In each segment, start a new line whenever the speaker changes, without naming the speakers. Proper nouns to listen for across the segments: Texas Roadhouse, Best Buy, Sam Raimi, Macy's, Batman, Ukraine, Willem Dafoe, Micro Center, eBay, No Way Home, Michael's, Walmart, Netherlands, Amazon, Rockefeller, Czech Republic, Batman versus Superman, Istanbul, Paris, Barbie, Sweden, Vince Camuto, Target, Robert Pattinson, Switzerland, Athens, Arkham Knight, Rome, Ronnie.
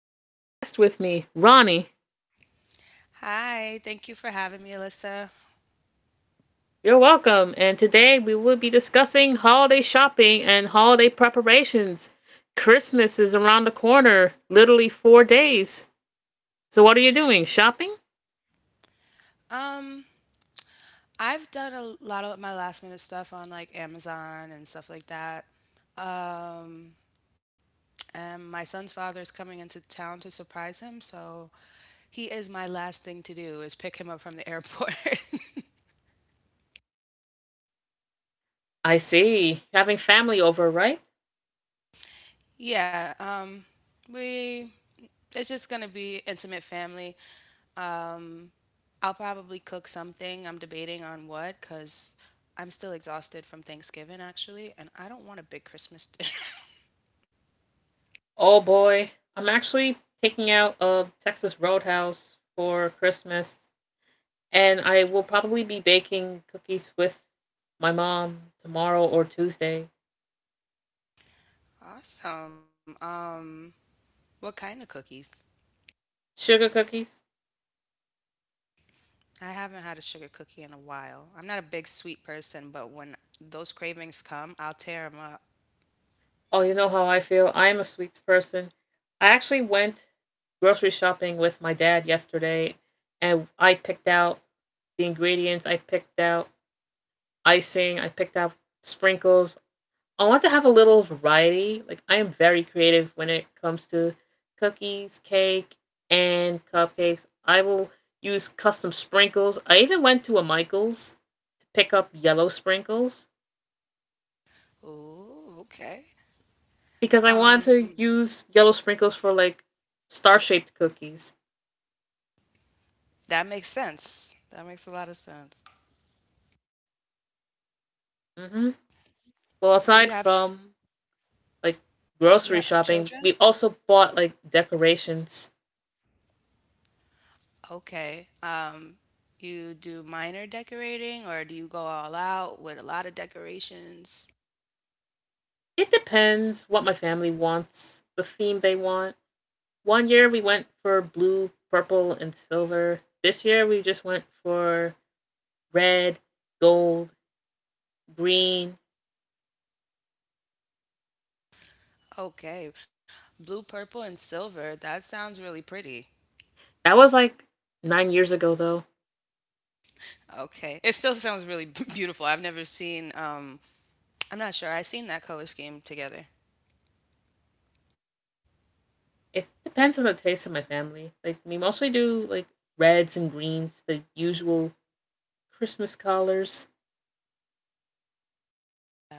a special guest with me, Ronnie.
Hi, thank you for having me, Alyssa.
You're welcome. And today we will be discussing holiday shopping and holiday preparations. Christmas is around the corner, literally 4 days. So, what are you doing? Shopping?
Um, I've done a lot of my last minute stuff on like Amazon and stuff like that. Um, and my son's father is coming into town to surprise him, so he is my last thing to do is pick him up from the airport.
I see. Having family over, right?
yeah, we it's just gonna be intimate family. Um, I'll probably cook something. I'm debating on what because I'm still exhausted from Thanksgiving actually, and I don't want a big Christmas dinner.
Oh boy. I'm actually taking out a Texas Roadhouse for Christmas, and I will probably be baking cookies with my mom tomorrow or Tuesday.
Awesome. What kind of cookies?
Sugar cookies.
I haven't had a sugar cookie in a while. I'm not a big sweet person, but when those cravings come, I'll tear them up.
Oh, you know how I feel. I am a sweets person. I actually went grocery shopping with my dad yesterday, and I picked out the ingredients, I picked out icing, I picked out sprinkles. I want to have a little variety. Like I am very creative when it comes to cookies, cake, and cupcakes. I will use custom sprinkles. I even went to a Michael's to pick up yellow sprinkles
Ooh, okay.
because I want to
Um,
use yellow sprinkles for like star shaped cookies.
that makes sense. That makes a lot of sense.
Mm-hmm. Well,
Do
aside
you have ch
from like
You
grocery
have
shopping,
children?
we've also bought like decorations.
Okay. You do minor decorating or do you go all out with a lot of decorations?
It depends what my family wants, the theme they want. One year we went for blue, purple, and silver. This year we just went for red, gold, green.
Okay. Blue, purple, and silver. That sounds really pretty.
That was like 9 years ago though.
Okay. It still sounds really beautiful. I've never seen I'm not sure. I've seen that color scheme together.
It depends on the taste of my family. Like we mostly do like reds and greens, the usual Christmas colors.
Yeah.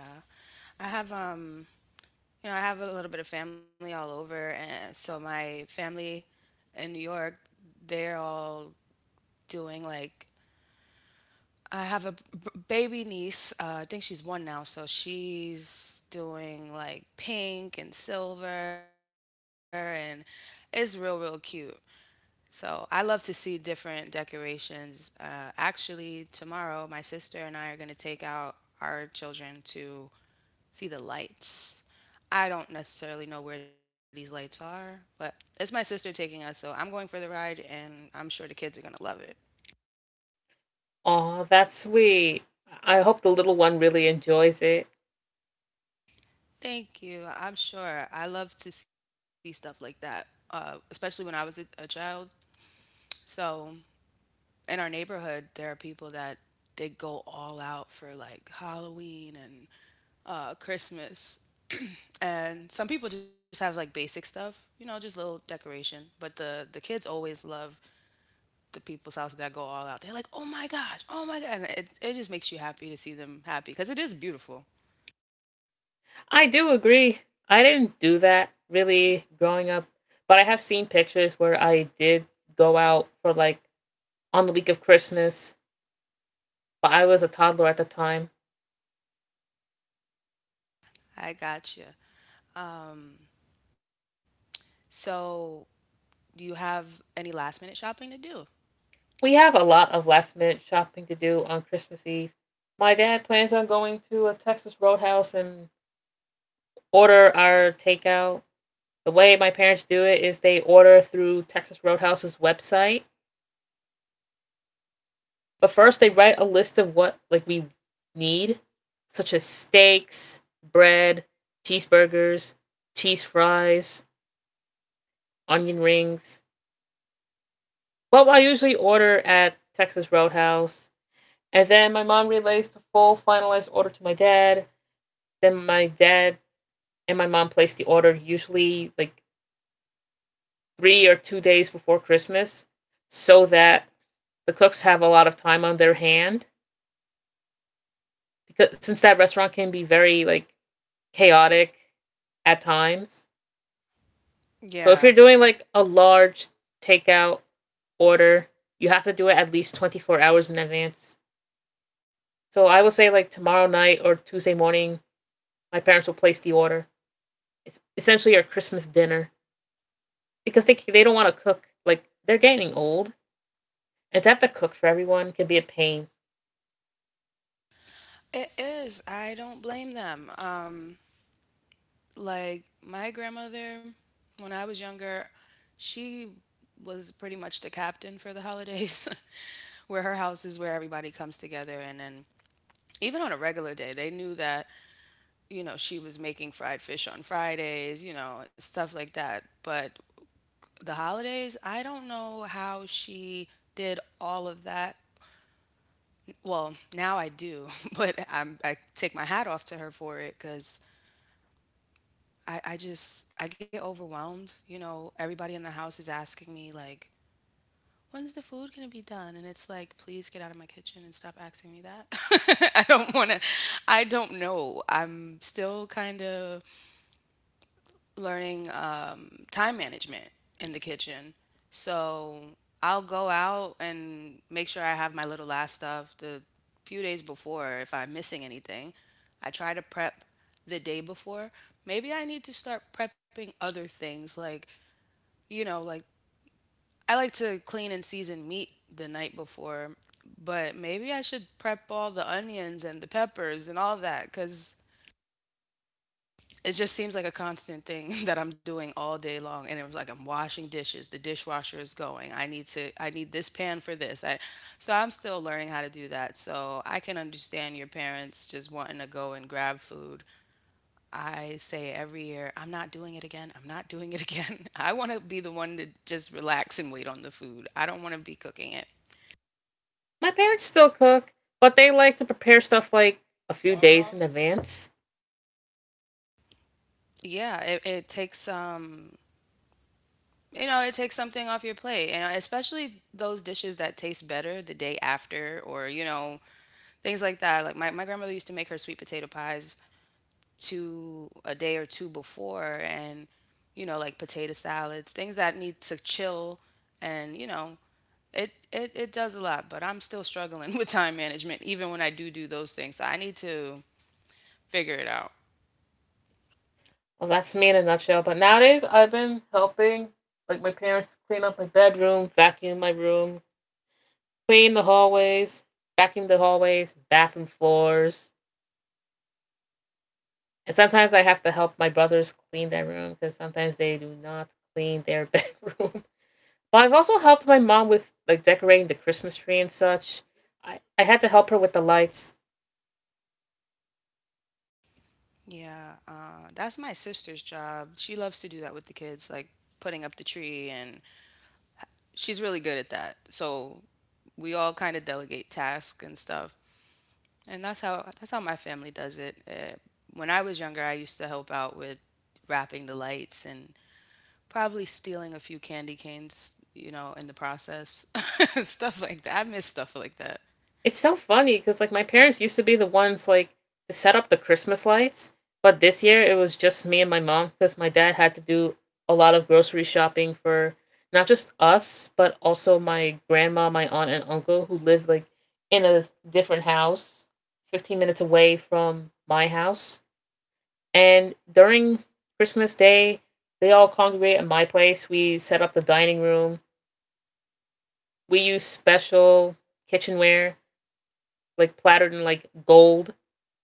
I have you know, I have a little bit of family all over and so my family in New York, they're all doing, like, I have a baby niece. I think she's one now, so she's doing like pink and silver and it's real real cute. So I love to see different decorations. Actually, tomorrow, my sister and I are going to take out our children to see the lights. I don't necessarily know where these lights are, but it's my sister taking us, so I'm going for the ride, and I'm sure the kids are going to love it.
Aw, that's sweet. I hope the little one really enjoys it.
Thank you. I'm sure. I love to see stuff like that, especially when I was a child. So in our neighborhood, there are people that they go all out for like Halloween and Christmas, and some people just have like basic stuff, you know, just little decoration. But the kids always love the people's house that go all out. They're like, oh my gosh, oh my god, and it just makes you happy to see them happy because it is beautiful.
I do agree. I didn't do that really growing up, but I have seen pictures where I did go out for like on the week of Christmas, but I was a toddler at the time.
I gotcha. Um, so do you have any last minute shopping to do?
We have a lot of last minute shopping to do on Christmas Eve. My dad plans on going to a Texas Roadhouse and order our takeout. The way my parents do it is they order through Texas Roadhouse's website. But first they write
Okay.
a list of what like we need, such as steaks, bread, cheeseburgers, cheese fries, onion rings. Well, I usually order at Texas Roadhouse. And then my mom relays the full finalized order to my dad. Then my dad and my mom place the order usually like 3 or 2 days before Christmas so that the cooks have a lot of time on their hand because since that restaurant can be very like chaotic at times.
Yeah,
So if you're doing like a large takeout order, you have to do it at least 24 hours in advance. So I would say like tomorrow night or Tuesday morning, my parents will place the order. It's essentially our Christmas dinner because they don't want to cook. Like they're getting old, and to have to cook for everyone can be a pain.
it is. I don't blame them. Like my grandmother, when I was younger, she was pretty much the captain for the holidays, where her house is where everybody comes together. And then, even on a regular day, they knew that, you know, she was making fried fish on Fridays, you know, and stuff like that. But the holidays, I don't know how she did all of that. Well, now I do, but I take my hat off to her for it because I just I get overwhelmed. You know, everybody in the house is asking me like, when's the food gonna be done? And it's like, please get out of my kitchen and stop asking me that. I don't wanna I don't know. I'm still kinda learning time management in the kitchen. So I'll go out and make sure I have my little last stuff the few days before. If I'm missing anything, I try to prep the day before. Maybe I need to start prepping other things like, you know, like I like to clean and season meat the night before, but maybe I should prep all the onions and the peppers and all that because it just seems like a constant thing that I'm doing all day long. And it was like I'm washing dishes, the dishwasher is going. I need this pan for this. I so I'm still learning how to do that. So I can understand your parents just wanting to go and grab food. I say every year, I'm not doing it again. I'm not doing it again. I want to be the one to just relax and wait on the food. I don't want to be cooking it.
My parents still cook, but they like to prepare stuff like a few days in advance.
Yeah, it takes you know, it takes something off your plate, and especially those dishes that taste better the day after or, you know, things like that. Like my grandmother used to make her sweet potato pies two a day or two before and, you know, like potato salads, things that need to chill and, you know, it does a lot, but I'm still struggling with time management even when I do do those things. So I need to figure it out.
Well, that's me in a nutshell. But nowadays, I've been helping like my parents clean up my bedroom, vacuum my room, clean the hallways, vacuum the hallways, bathroom floors. And sometimes I have to help my brothers clean their room because sometimes they do not clean their bedroom. But I've also helped my mom with like decorating the Christmas tree and such. I had to help her with the lights.
Yeah, that's my sister's job. She loves to do that with the kids, like putting up the tree and she's really good at that. So we all kind of delegate tasks and stuff. And that's how my family does it. When I was younger, I used to help out with wrapping the lights and probably stealing a few candy canes, you know, in the process. Stuff like that. I miss stuff like that.
It's so funny because like my parents used to be the ones like to set up the Christmas lights, but this year it was just me and my mom because my dad had to do a lot of grocery shopping for not just us but also my grandma, my aunt, and uncle who live like in a different house, 15 minutes away from my house. And during Christmas Day, they all congregate at my place. We set up the dining room. We use special kitchenware like plattered in like gold,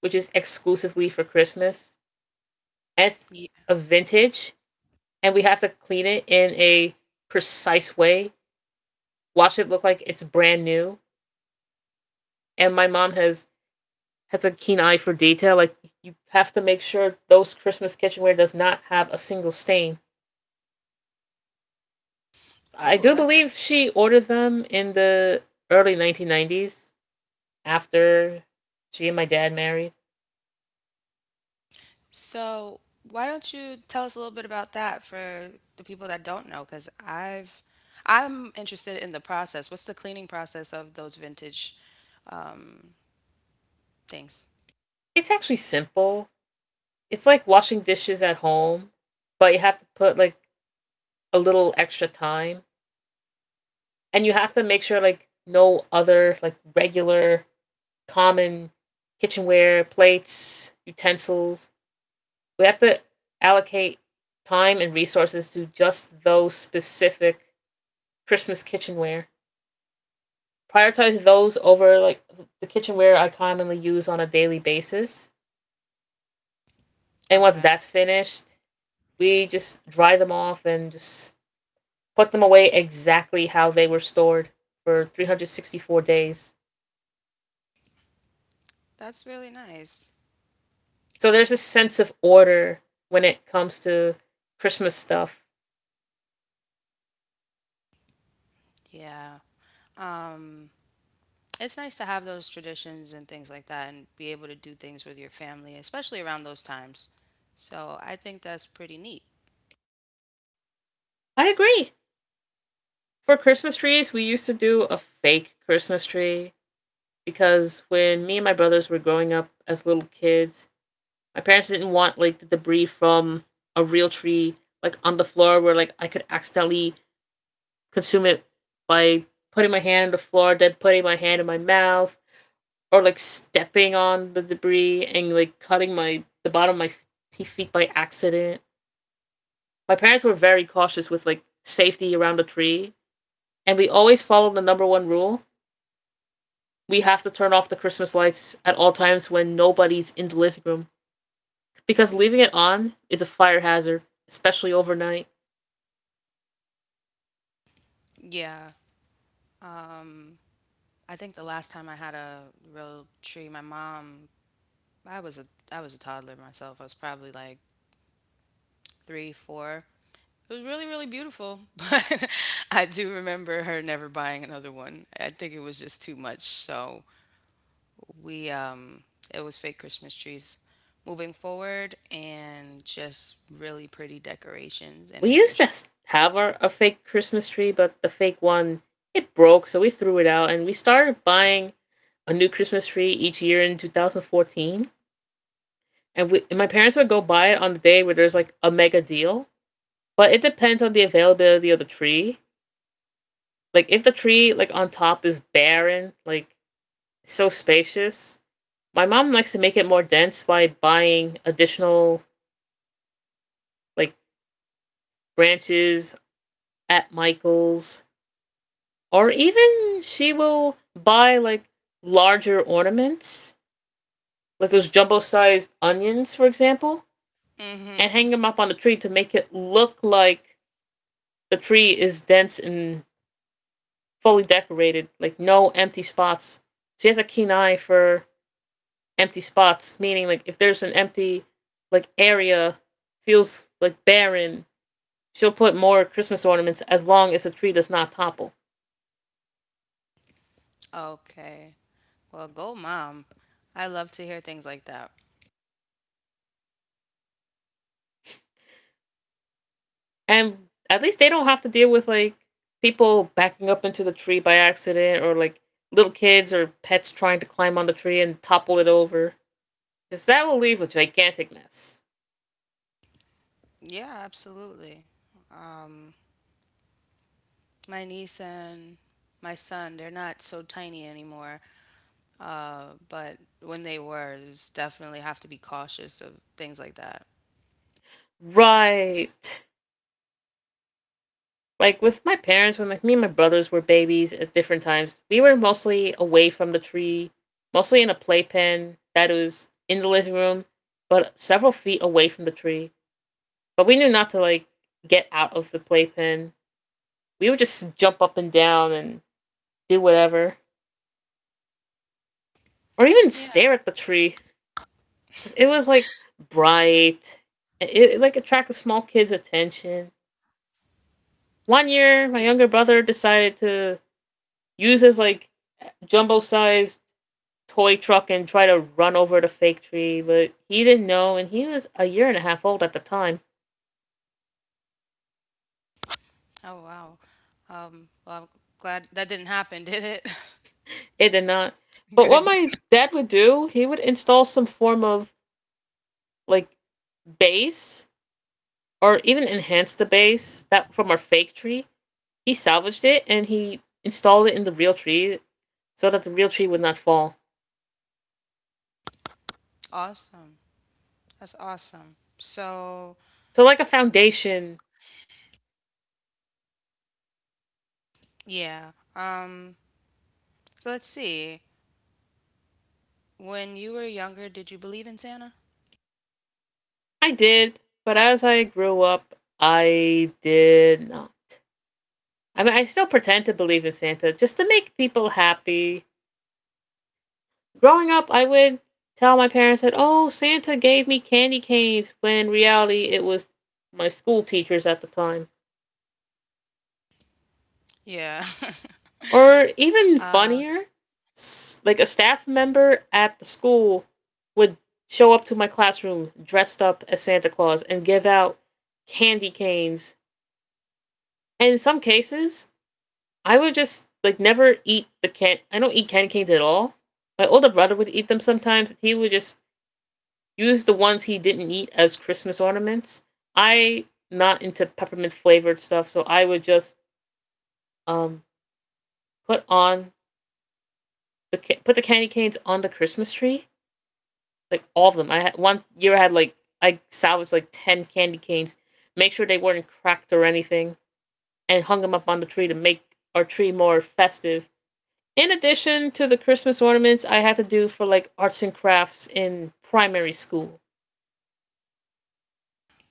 which is exclusively for Christmas. It's
Ye-
a vintage, and we have to clean it in a precise way. Watch it look like it's brand new. And my mom has a keen eye for detail. Like you have to make sure those Christmas kitchenware does not have a single stain.
Oh,
I do
that's it.
believe she ordered them in the early 1990s after she and my dad married.
So, why don't you tell us a little bit about that for the people that don't know? Because I'm interested in the process. What's the cleaning process of those vintage um, things.
It's actually simple. It's like washing dishes at home, but you have to put like a little extra time, and you have to make sure like no other like regular common kitchenware, plates, utensils. We have to allocate time and resources to just those specific Christmas kitchenware. Prioritize those over like the kitchenware I commonly use on a daily basis. And once
Okay.
that's finished, we just dry them off and just put them away exactly how they were stored for 364 days.
That's really nice.
So there's a sense of order when it comes to Christmas stuff.
Yeah. Um it's nice to have those traditions and things like that and be able to do things with your family, especially around those times. So, I think that's pretty neat.
I agree. For Christmas trees, we used to do a fake Christmas tree because when me and my brothers were growing up as little kids, my parents didn't want like the debris from a real tree like on the floor where like I could accidentally consume it by putting my hand on the floor, then putting my hand in my mouth or like stepping on the debris and like cutting my the bottom of my feet by accident. My parents were very cautious with like safety around the tree, and we always followed the number one rule: we have to turn off the Christmas lights at all times when nobody's in the living room because leaving it on is a fire hazard, especially overnight.
Yeah. Um I think the last time I had a real tree, my mom, I was a I was a toddler myself. I was probably like 3, 4. It was really really beautiful, but I do remember her never buying another one. I think it was just too much. So, we it was fake christmas trees moving forward and just really pretty decorations and
We
making
used to
sure
have our a fake Christmas tree, but the fake one it broke, so we threw it out and we started buying a new Christmas tree each year in 2014. And my parents would go buy it on the day where there's like a mega deal. But it depends on the availability of the tree. Like if the tree like on top is barren, like so spacious, my mom likes to make it more dense by buying additional like branches at Michael's, or even she will buy like larger ornaments, like those jumbo sized onions, for example, and hang them
hmm.
up on the tree to make it look like the tree is dense and fully decorated, like no empty spots. She has a keen eye for empty spots, meaning like if there's an empty like area feels like barren, she'll put more Christmas ornaments as long as the tree does not topple.
Okay, well, go mom. I love to hear things like that.
And at least they don't have to deal with like people backing up into the tree by accident or like little kids or pets trying to climb on the tree and topple it over. Because that will leave a gigantic mess.
Yeah, absolutely. um my niece and my son, they're not so tiny anymore. But when they were, there's definitely have to be cautious of things like that.
Right. Like with my parents, when like me and my brothers were babies at different times, we were mostly away from the tree, mostly in a playpen that was in the living room, but several feet away from the tree. But we knew not to like get out of the playpen. We would just jump up and down and do whatever, or even
Yeah.
stare at the tree because it was like bright. It like attracted small kids attention. One year my younger brother decided to use his like jumbo sized toy truck and try to run over the fake tree, but he didn't know, and he was a year and a half old at the time.
Oh wow. Well, I'm glad that didn't happen, did it?
It did not. But what
Good.
my dad would do, he would install some form of like base or even enhance the base that from our fake tree. He salvaged it and he installed it in the real tree so that the real tree would not fall.
Awesome. That's awesome. So,
So like a foundation.
yeah. So let's see. When you were younger, did you believe in Santa?
I did, but as I grew up, I did not. I mean, I still pretend to believe in Santa just to make people happy. Growing up, I would tell my parents that, oh, Santa gave me candy canes, when in reality, it was my school teachers at the time.
Yeah.
Or
Uh,
even funnier, like a staff member at the school would show up to my classroom dressed up as Santa Claus and give out candy canes. And in some cases, I would just like never eat the can. I don't eat candy canes at all. My older brother would eat them sometimes. He would just use the ones he didn't eat as Christmas ornaments. I not into peppermint flavored stuff, so I would just um put on put the candy canes on the Christmas tree, like all of them. I had one year I had like I salvaged like 10 candy canes, make sure they weren't cracked or anything, and hung them up on the tree to make our tree more festive. In addition to the Christmas ornaments, I had to do for like arts and crafts in primary school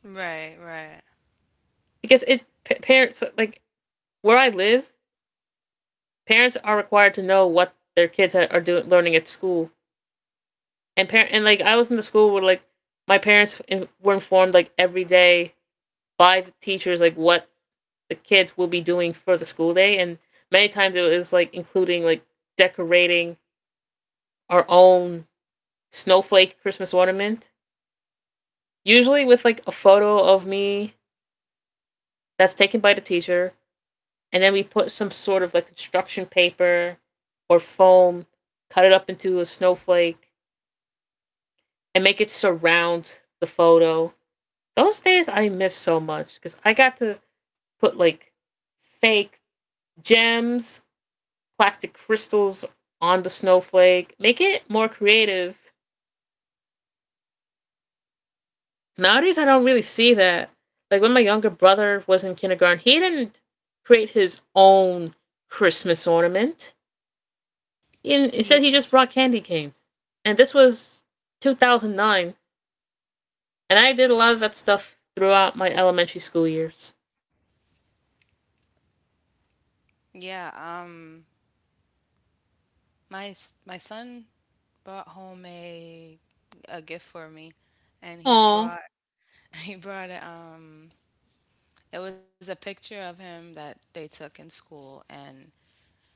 right, right.
because parents like where I live, parents are required to know what their kids are doing learning at school. And parent and like I was in the school where like my parents were informed like every day by the teachers like what the kids will be doing for the school day and many times it was like including like decorating our own snowflake Christmas ornament usually with like a photo of me that's taken by the teacher, and then we put some sort of like construction paper or foam, cut it up into a snowflake, and make it surround the photo. Those days I miss so much because I got to put like fake gems, plastic crystals on the snowflake, make it more creative. Nowadays, I don't really see that. Like when my younger brother was in kindergarten, he didn't create his own Christmas ornament. He
Yeah.
said he just brought candy canes. And this was 2009. And I did a lot of that stuff throughout my elementary school years.
Yeah, um my my son brought home a gift for me and he
Aw,
brought he brought a, it was a picture of him that they took in school and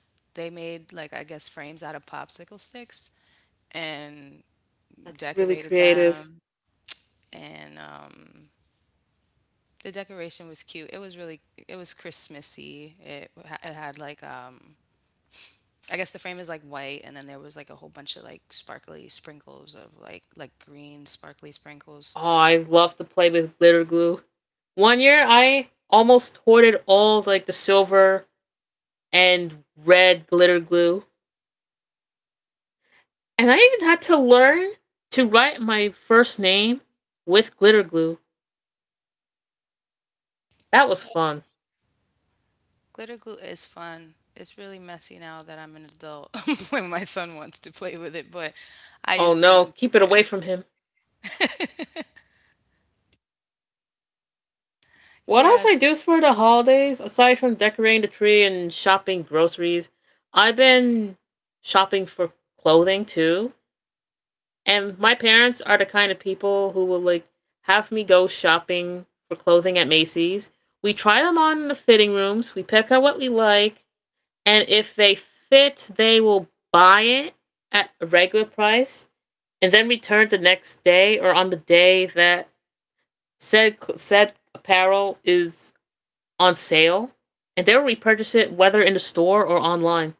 they made like I guess frames out of popsicle sticks and
that's really
decorated
creative.
them, and the decoration was cute. It was really, it was Christmassy. It had like, I guess the frame is like white, and then there was like a whole bunch of like sparkly sprinkles of like green sparkly sprinkles.
Oh, I love to play with glitter glue. One year, I almost hoarded all like the silver and red glitter glue, and I even had to learn to write my first name with glitter glue. That was fun.
Glitter glue is fun. It's really messy now that I'm an adult when my son wants to play with it, but I
Oh
used to
no, keep it
enjoy
away from him.
it.
What else I
Yes.
do for the holidays aside from decorating the tree and shopping groceries? I've been shopping for clothing too. And my parents are the kind of people who will like have me go shopping for clothing at Macy's. We try them on in the fitting rooms, we pick out what we like, and if they fit, they will buy it at a regular price and then return the next day or on the day that said apparel is on sale and they'll repurchase it whether in the store or online.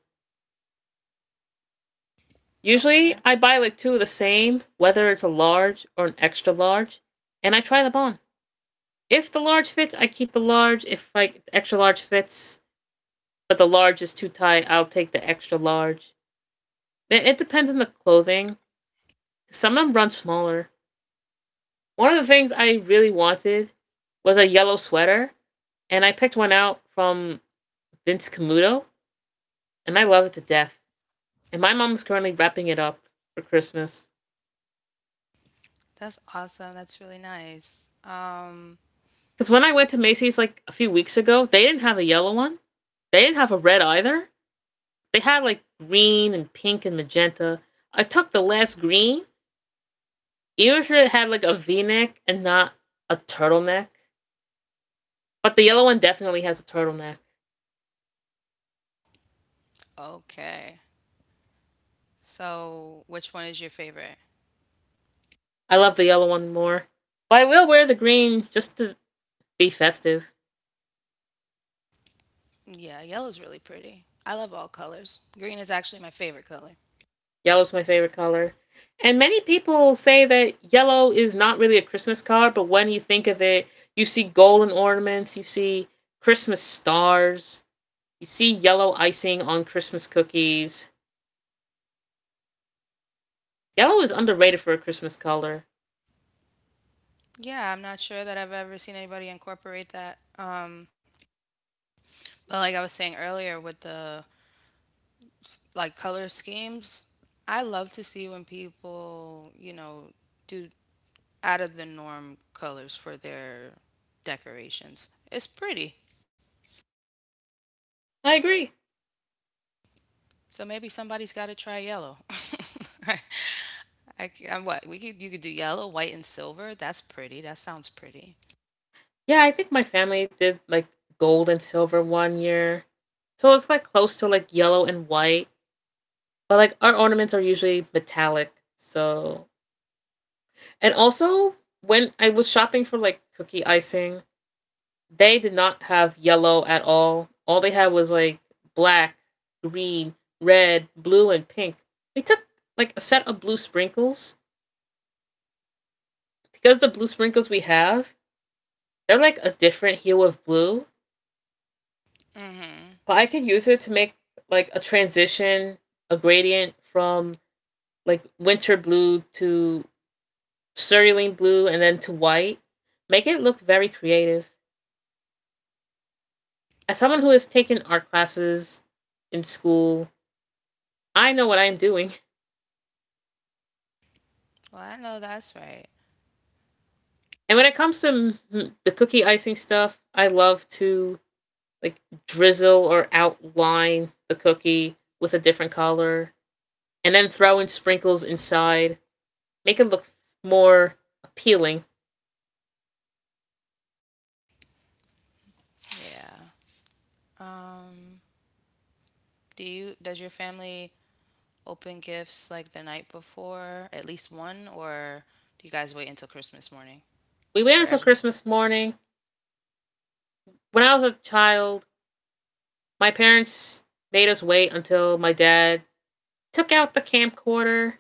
Usually
Okay.
I buy like two of the same, whether it's a large or an extra large, and I try them on. If the large fits, I keep the large. If like the extra large fits, but the large is too tight, I'll take the extra large. It depends on the clothing. Some of them run smaller. One of the things I really wanted was a yellow sweater, and I picked one out from Vince Camuto, and I love it to death. And my mom's currently wrapping it up for Christmas.
That's awesome. That's really nice.
Because when I went to Macy's like a few weeks ago, they didn't have a yellow one. They didn't have a red either. They had like green and pink and magenta. I took the last green, even if it had like a v neck and not a turtleneck. But the yellow one definitely has a turtleneck.
Okay. So, which one is your favorite?
I love the yellow one more. But I will wear the green just to be festive.
Yeah, yellow's really pretty. I love all colors. Green is actually my favorite color.
Yellow's my favorite color. And many people say that yellow is not really a Christmas color, but when you think of it, you see golden ornaments, you see Christmas stars, you see yellow icing on Christmas cookies. Yellow is underrated for a Christmas color.
Yeah, I'm not sure that I've ever seen anybody incorporate that. But like I was saying earlier with the like color schemes, I love to see when people, you know, do out of the norm colors for their decorations. It's pretty.
I agree.
So maybe somebody's got to try yellow. I, I, am what we could you could do yellow, white, and silver. That's pretty. That sounds pretty.
Yeah, I think my family did like gold and silver one year. So it's like close to like yellow and white. But like our ornaments are usually metallic. So, and also when I was shopping for like cookie icing, they did not have yellow at all. All they had was like black, green, red, blue, and pink. They took like a set of blue sprinkles because the blue sprinkles we have they're like a different hue of blue,
Mm-hmm.
but I could use it to make like a transition, a gradient from like winter blue to cerulean blue and then to white. Make it look very creative. As someone who has taken art classes in school, I know what I'm doing.
Well, I know that's right.
And when it comes to the cookie icing stuff, I love to like drizzle or outline the cookie with a different color and then throw in sprinkles inside, make it look more appealing.
Yeah. Um, do you does your family open gifts like the night before, at least one, or do you guys wait until Christmas morning
We waited
for
until
everything?
Christmas morning. When I was a child, my parents made us wait until my dad took out the camcorder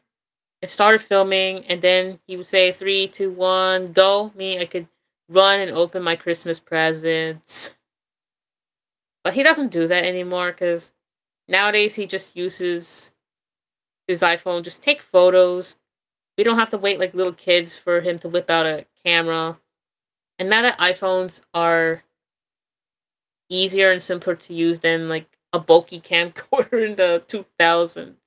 and started filming, and then he would say, "Three, two, one, go." Me, I could run and open my Christmas presents. But he doesn't do that anymore because nowadays he just uses his iPhone, just take photos. We don't have to wait like little kids for him to whip out a camera. And now that iPhones are easier and simpler to use than like a bulky camcorder in the 2000s.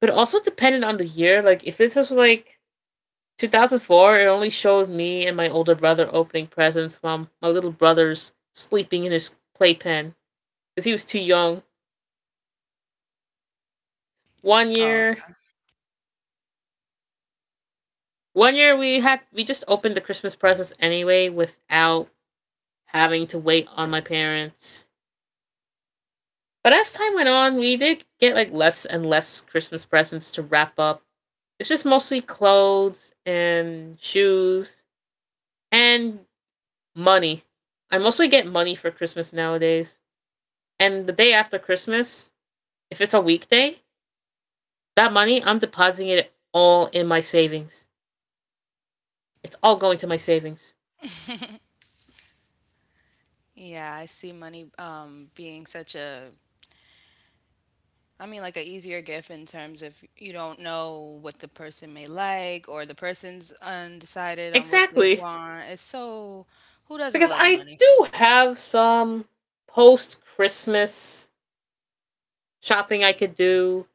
But also dependent on the year. Like if this was like 2004, it only showed me and my older brother opening presents while my little brother's sleeping in his playpen because he was too young. One
Oh,
year One year we had we just opened the Christmas presents anyway without having to wait on my parents. But as time went on, we did get like less and less Christmas presents to wrap up. It's just mostly clothes and shoes and money. I mostly get money for Christmas nowadays. And the day after Christmas, if it's a weekday, that money I'm depositing it all in my savings. It's all going to my savings.
yeah. I see money being such a I mean, like a easier gift in terms of you don't know what the person may like or the person's undecided on what they
Exactly.
want. It's so, who doesn't
Because
love
I
money?
do have some post Christmas shopping I could do.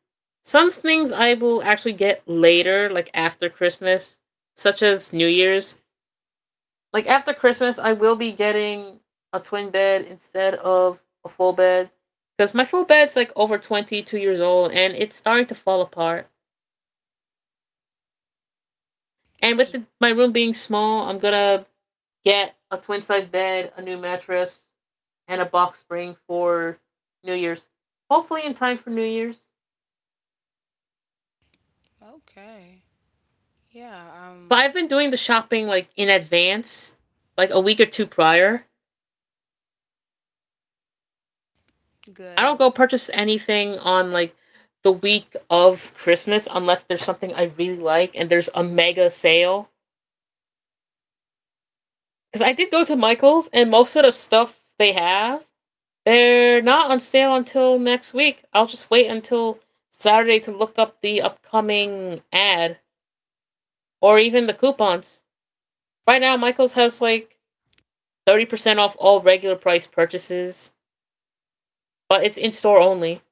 Some things I will actually get later, like after Christmas, such as New Year's. Like after Christmas, I will be getting a twin bed instead of a full bed because my full bed's like over 22 years old and it's starting to fall apart. And with the, my room being small, I'm gonna get a twin size bed, a new mattress, and a box spring for New Year's. Hopefully in time for New Year's.
Okay. Yeah,
But I've been doing the shopping like in advance, like a week or two prior. I don't go
good.
purchase anything on like the week of Christmas unless there's something I really like and there's a mega sale. Because I did go to Michael's and most of the stuff they have, they're not on sale until next week. I'll just wait until Saturday to look up the upcoming ad, or even the coupons. Right now, Michaels has like 30% off all regular price purchases, but it's in store only.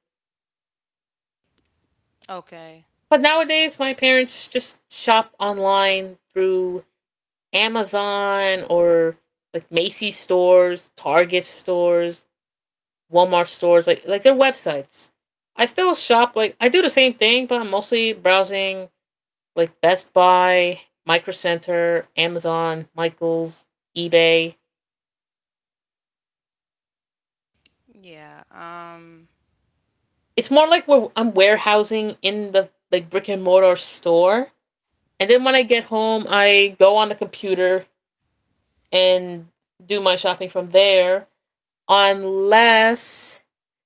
Okay.
But nowadays, my parents just shop online through Amazon or like Macy's stores, Target stores, Walmart stores, like their websites. I still shop like I do the same thing, but I'm mostly browsing like Best Buy, Micro Center, Amazon, Michaels, eBay,
Yeah,
it's more like where I'm warehousing in the like brick and mortar store. And then when I get home, I go on the computer and do my shopping from there, unless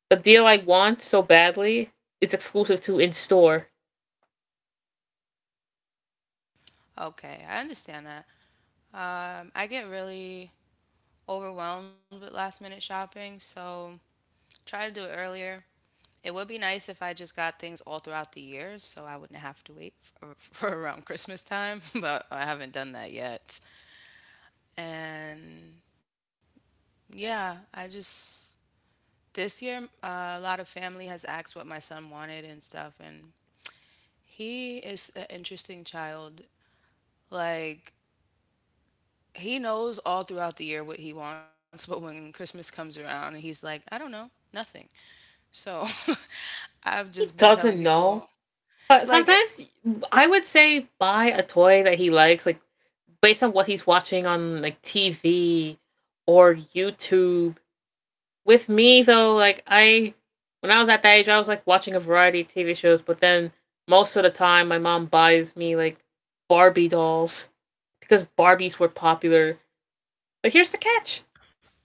the deal I want so badly is exclusive to in store.
okay. I understand that. I get really overwhelmed with last minute shopping, so try to do it earlier. It would be nice if I just got things all throughout the year so I wouldn't have to wait for, for around Christmas time, but I haven't done that yet. And yeah, I just this year a lot of family has asked what my son wanted and stuff and he is an interesting child. Like he knows all throughout the year what he wants, but when Christmas comes around, he's like, I don't know, nothing. So I've just been
He
telling
doesn't
people
know. But
like,
sometimes I would say buy a toy that he likes, like based on what he's watching on like TV or YouTube with me though, like I when I was at that age, I was like watching a variety of TV shows, but then most of the time, my mom buys me like Barbie dolls because Barbies were popular. But here's the catch,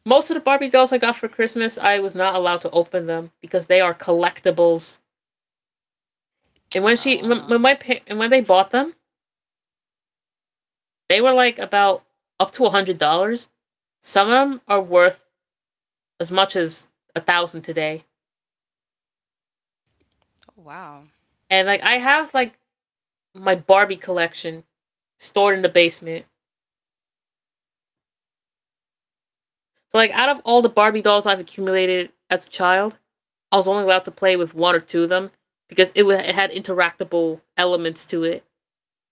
most of the Barbie dolls I got for Christmas, I was not allowed to open them because they are collectibles. And when she, when, my,
oh
and when they bought them, they were like about up to $100. Some of them are worth as much as a thousand today.
wow,
And like I have like my Barbie collection, stored in the basement. So like out of all the Barbie dolls I've accumulated as a child, I was only allowed to play with one or two of them because it had interactable elements to it.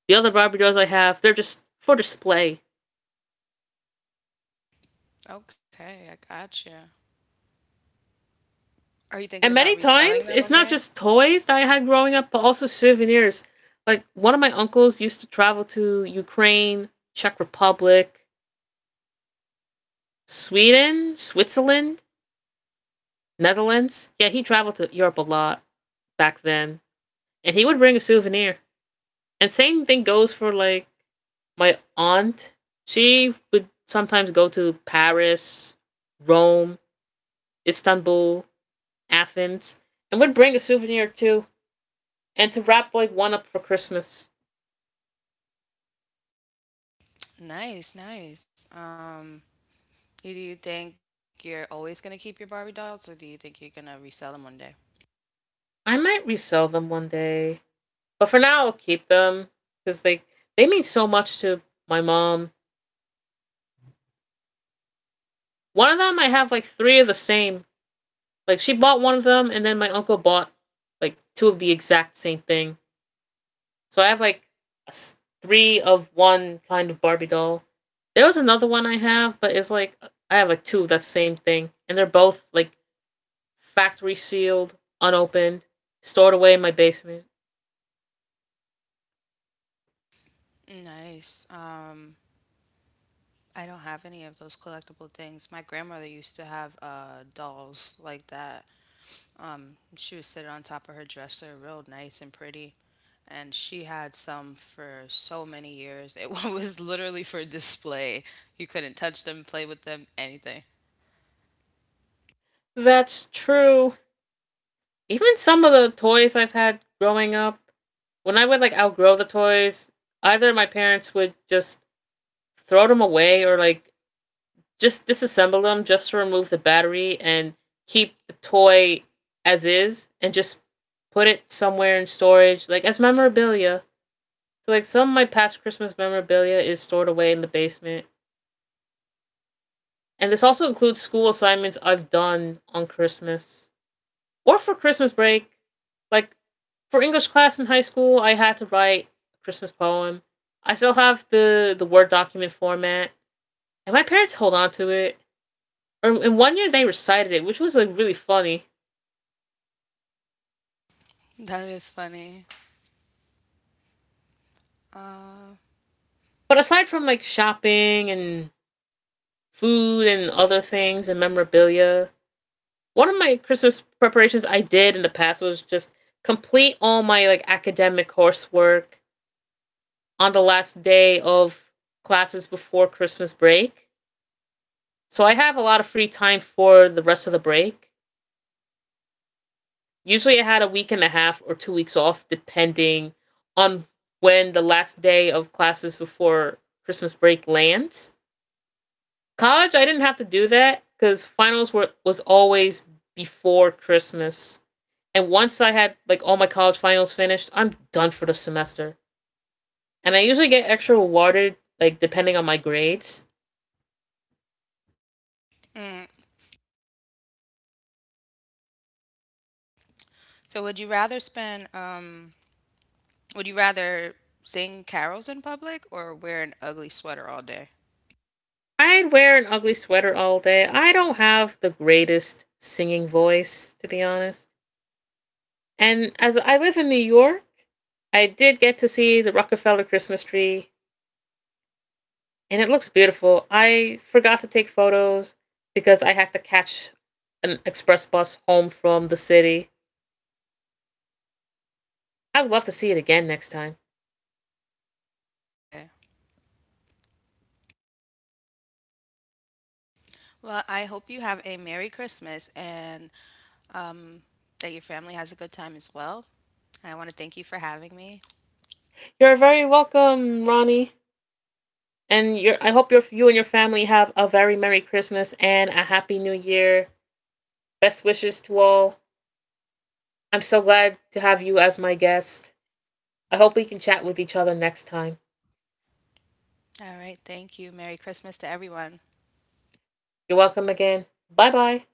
The other Barbie dolls I have, they're just for display.
okay, I gotcha. Are you thinking
And
about
many
reselling
times,
them
it's
one
not
day?
just toys that I had growing up, but also souvenirs. Like one of my uncles used to travel to Ukraine, Czech Republic, Sweden, Switzerland, Netherlands. Yeah, he traveled to Europe a lot back then. And he would bring a souvenir. And same thing goes for like my aunt. She would sometimes go to Paris, Rome, Istanbul, Athens, and would bring a souvenir too, and to wrap like one up for Christmas.
Nice, nice. Do you think you're always gonna keep your Barbie dolls, or do you think you're gonna resell them one day?
I might resell them one day, but for now I'll keep them because they mean so much to my mom. One of them I have like three of the same. Like she bought one of them, and then my uncle bought like two of the exact same thing. So I have like a s- three of one kind of Barbie doll. There was another one I have, but it's like I have like two of that same thing, and they're both like factory sealed, unopened, stored away in my basement.
Nice. I don't have any of those collectible things. My grandmother used to have dolls like that. She would sit on top of her dresser, real nice and pretty. And she had some for so many years. It was literally for display. You couldn't touch them, play with them, anything.
That's true. Even some of the toys I've had growing up, when I would like outgrow the toys, either my parents would just throw them away or like just disassemble them just to remove the battery and keep the toy as is and just put it somewhere in storage, like as memorabilia. So, like, some of my past Christmas memorabilia is stored away in the basement. And this also includes school assignments I've done on Christmas or for Christmas break. Like, for English class in high school, I had to write a Christmas poem. I still have the, Word document format, and my parents hold on to it. Or in one year, they recited it, which was like really funny.
That is funny. Uh,
But aside from like shopping and food and other things and memorabilia, one of my Christmas preparations I did in the past was just complete all my like academic coursework on the last day of classes before Christmas break. So I have a lot of free time for the rest of the break. Usually I had a week and a half or 2 weeks off depending on when the last day of classes before Christmas break lands. College, I didn't have to do that because finals were was always before Christmas. And once I had like all my college finals finished, I'm done for the semester. And I usually get extra rewarded, like depending on my grades.
mm. So would you rather spend would you rather sing carols in public or wear an ugly sweater all day?
I'd wear an ugly sweater all day. I don't have the greatest singing voice, to be honest. And as I live in New York, I did get to see the Rockefeller Christmas tree and it looks beautiful. I forgot to take photos because I had to catch an express bus home from the city. I'd love to see it
Okay.
again next time.
Well, I hope you have a Merry Christmas and um that your family has a good time as well. I want to thank you for having me.
You're very welcome, Ronnie. And you are I hope you and your family have a very merry Christmas and a happy new year. Best wishes to all. I'm so glad to have you as my guest. I hope we can chat with each other next time.
All right, thank you. Merry Christmas to everyone.
You're welcome again. Bye bye.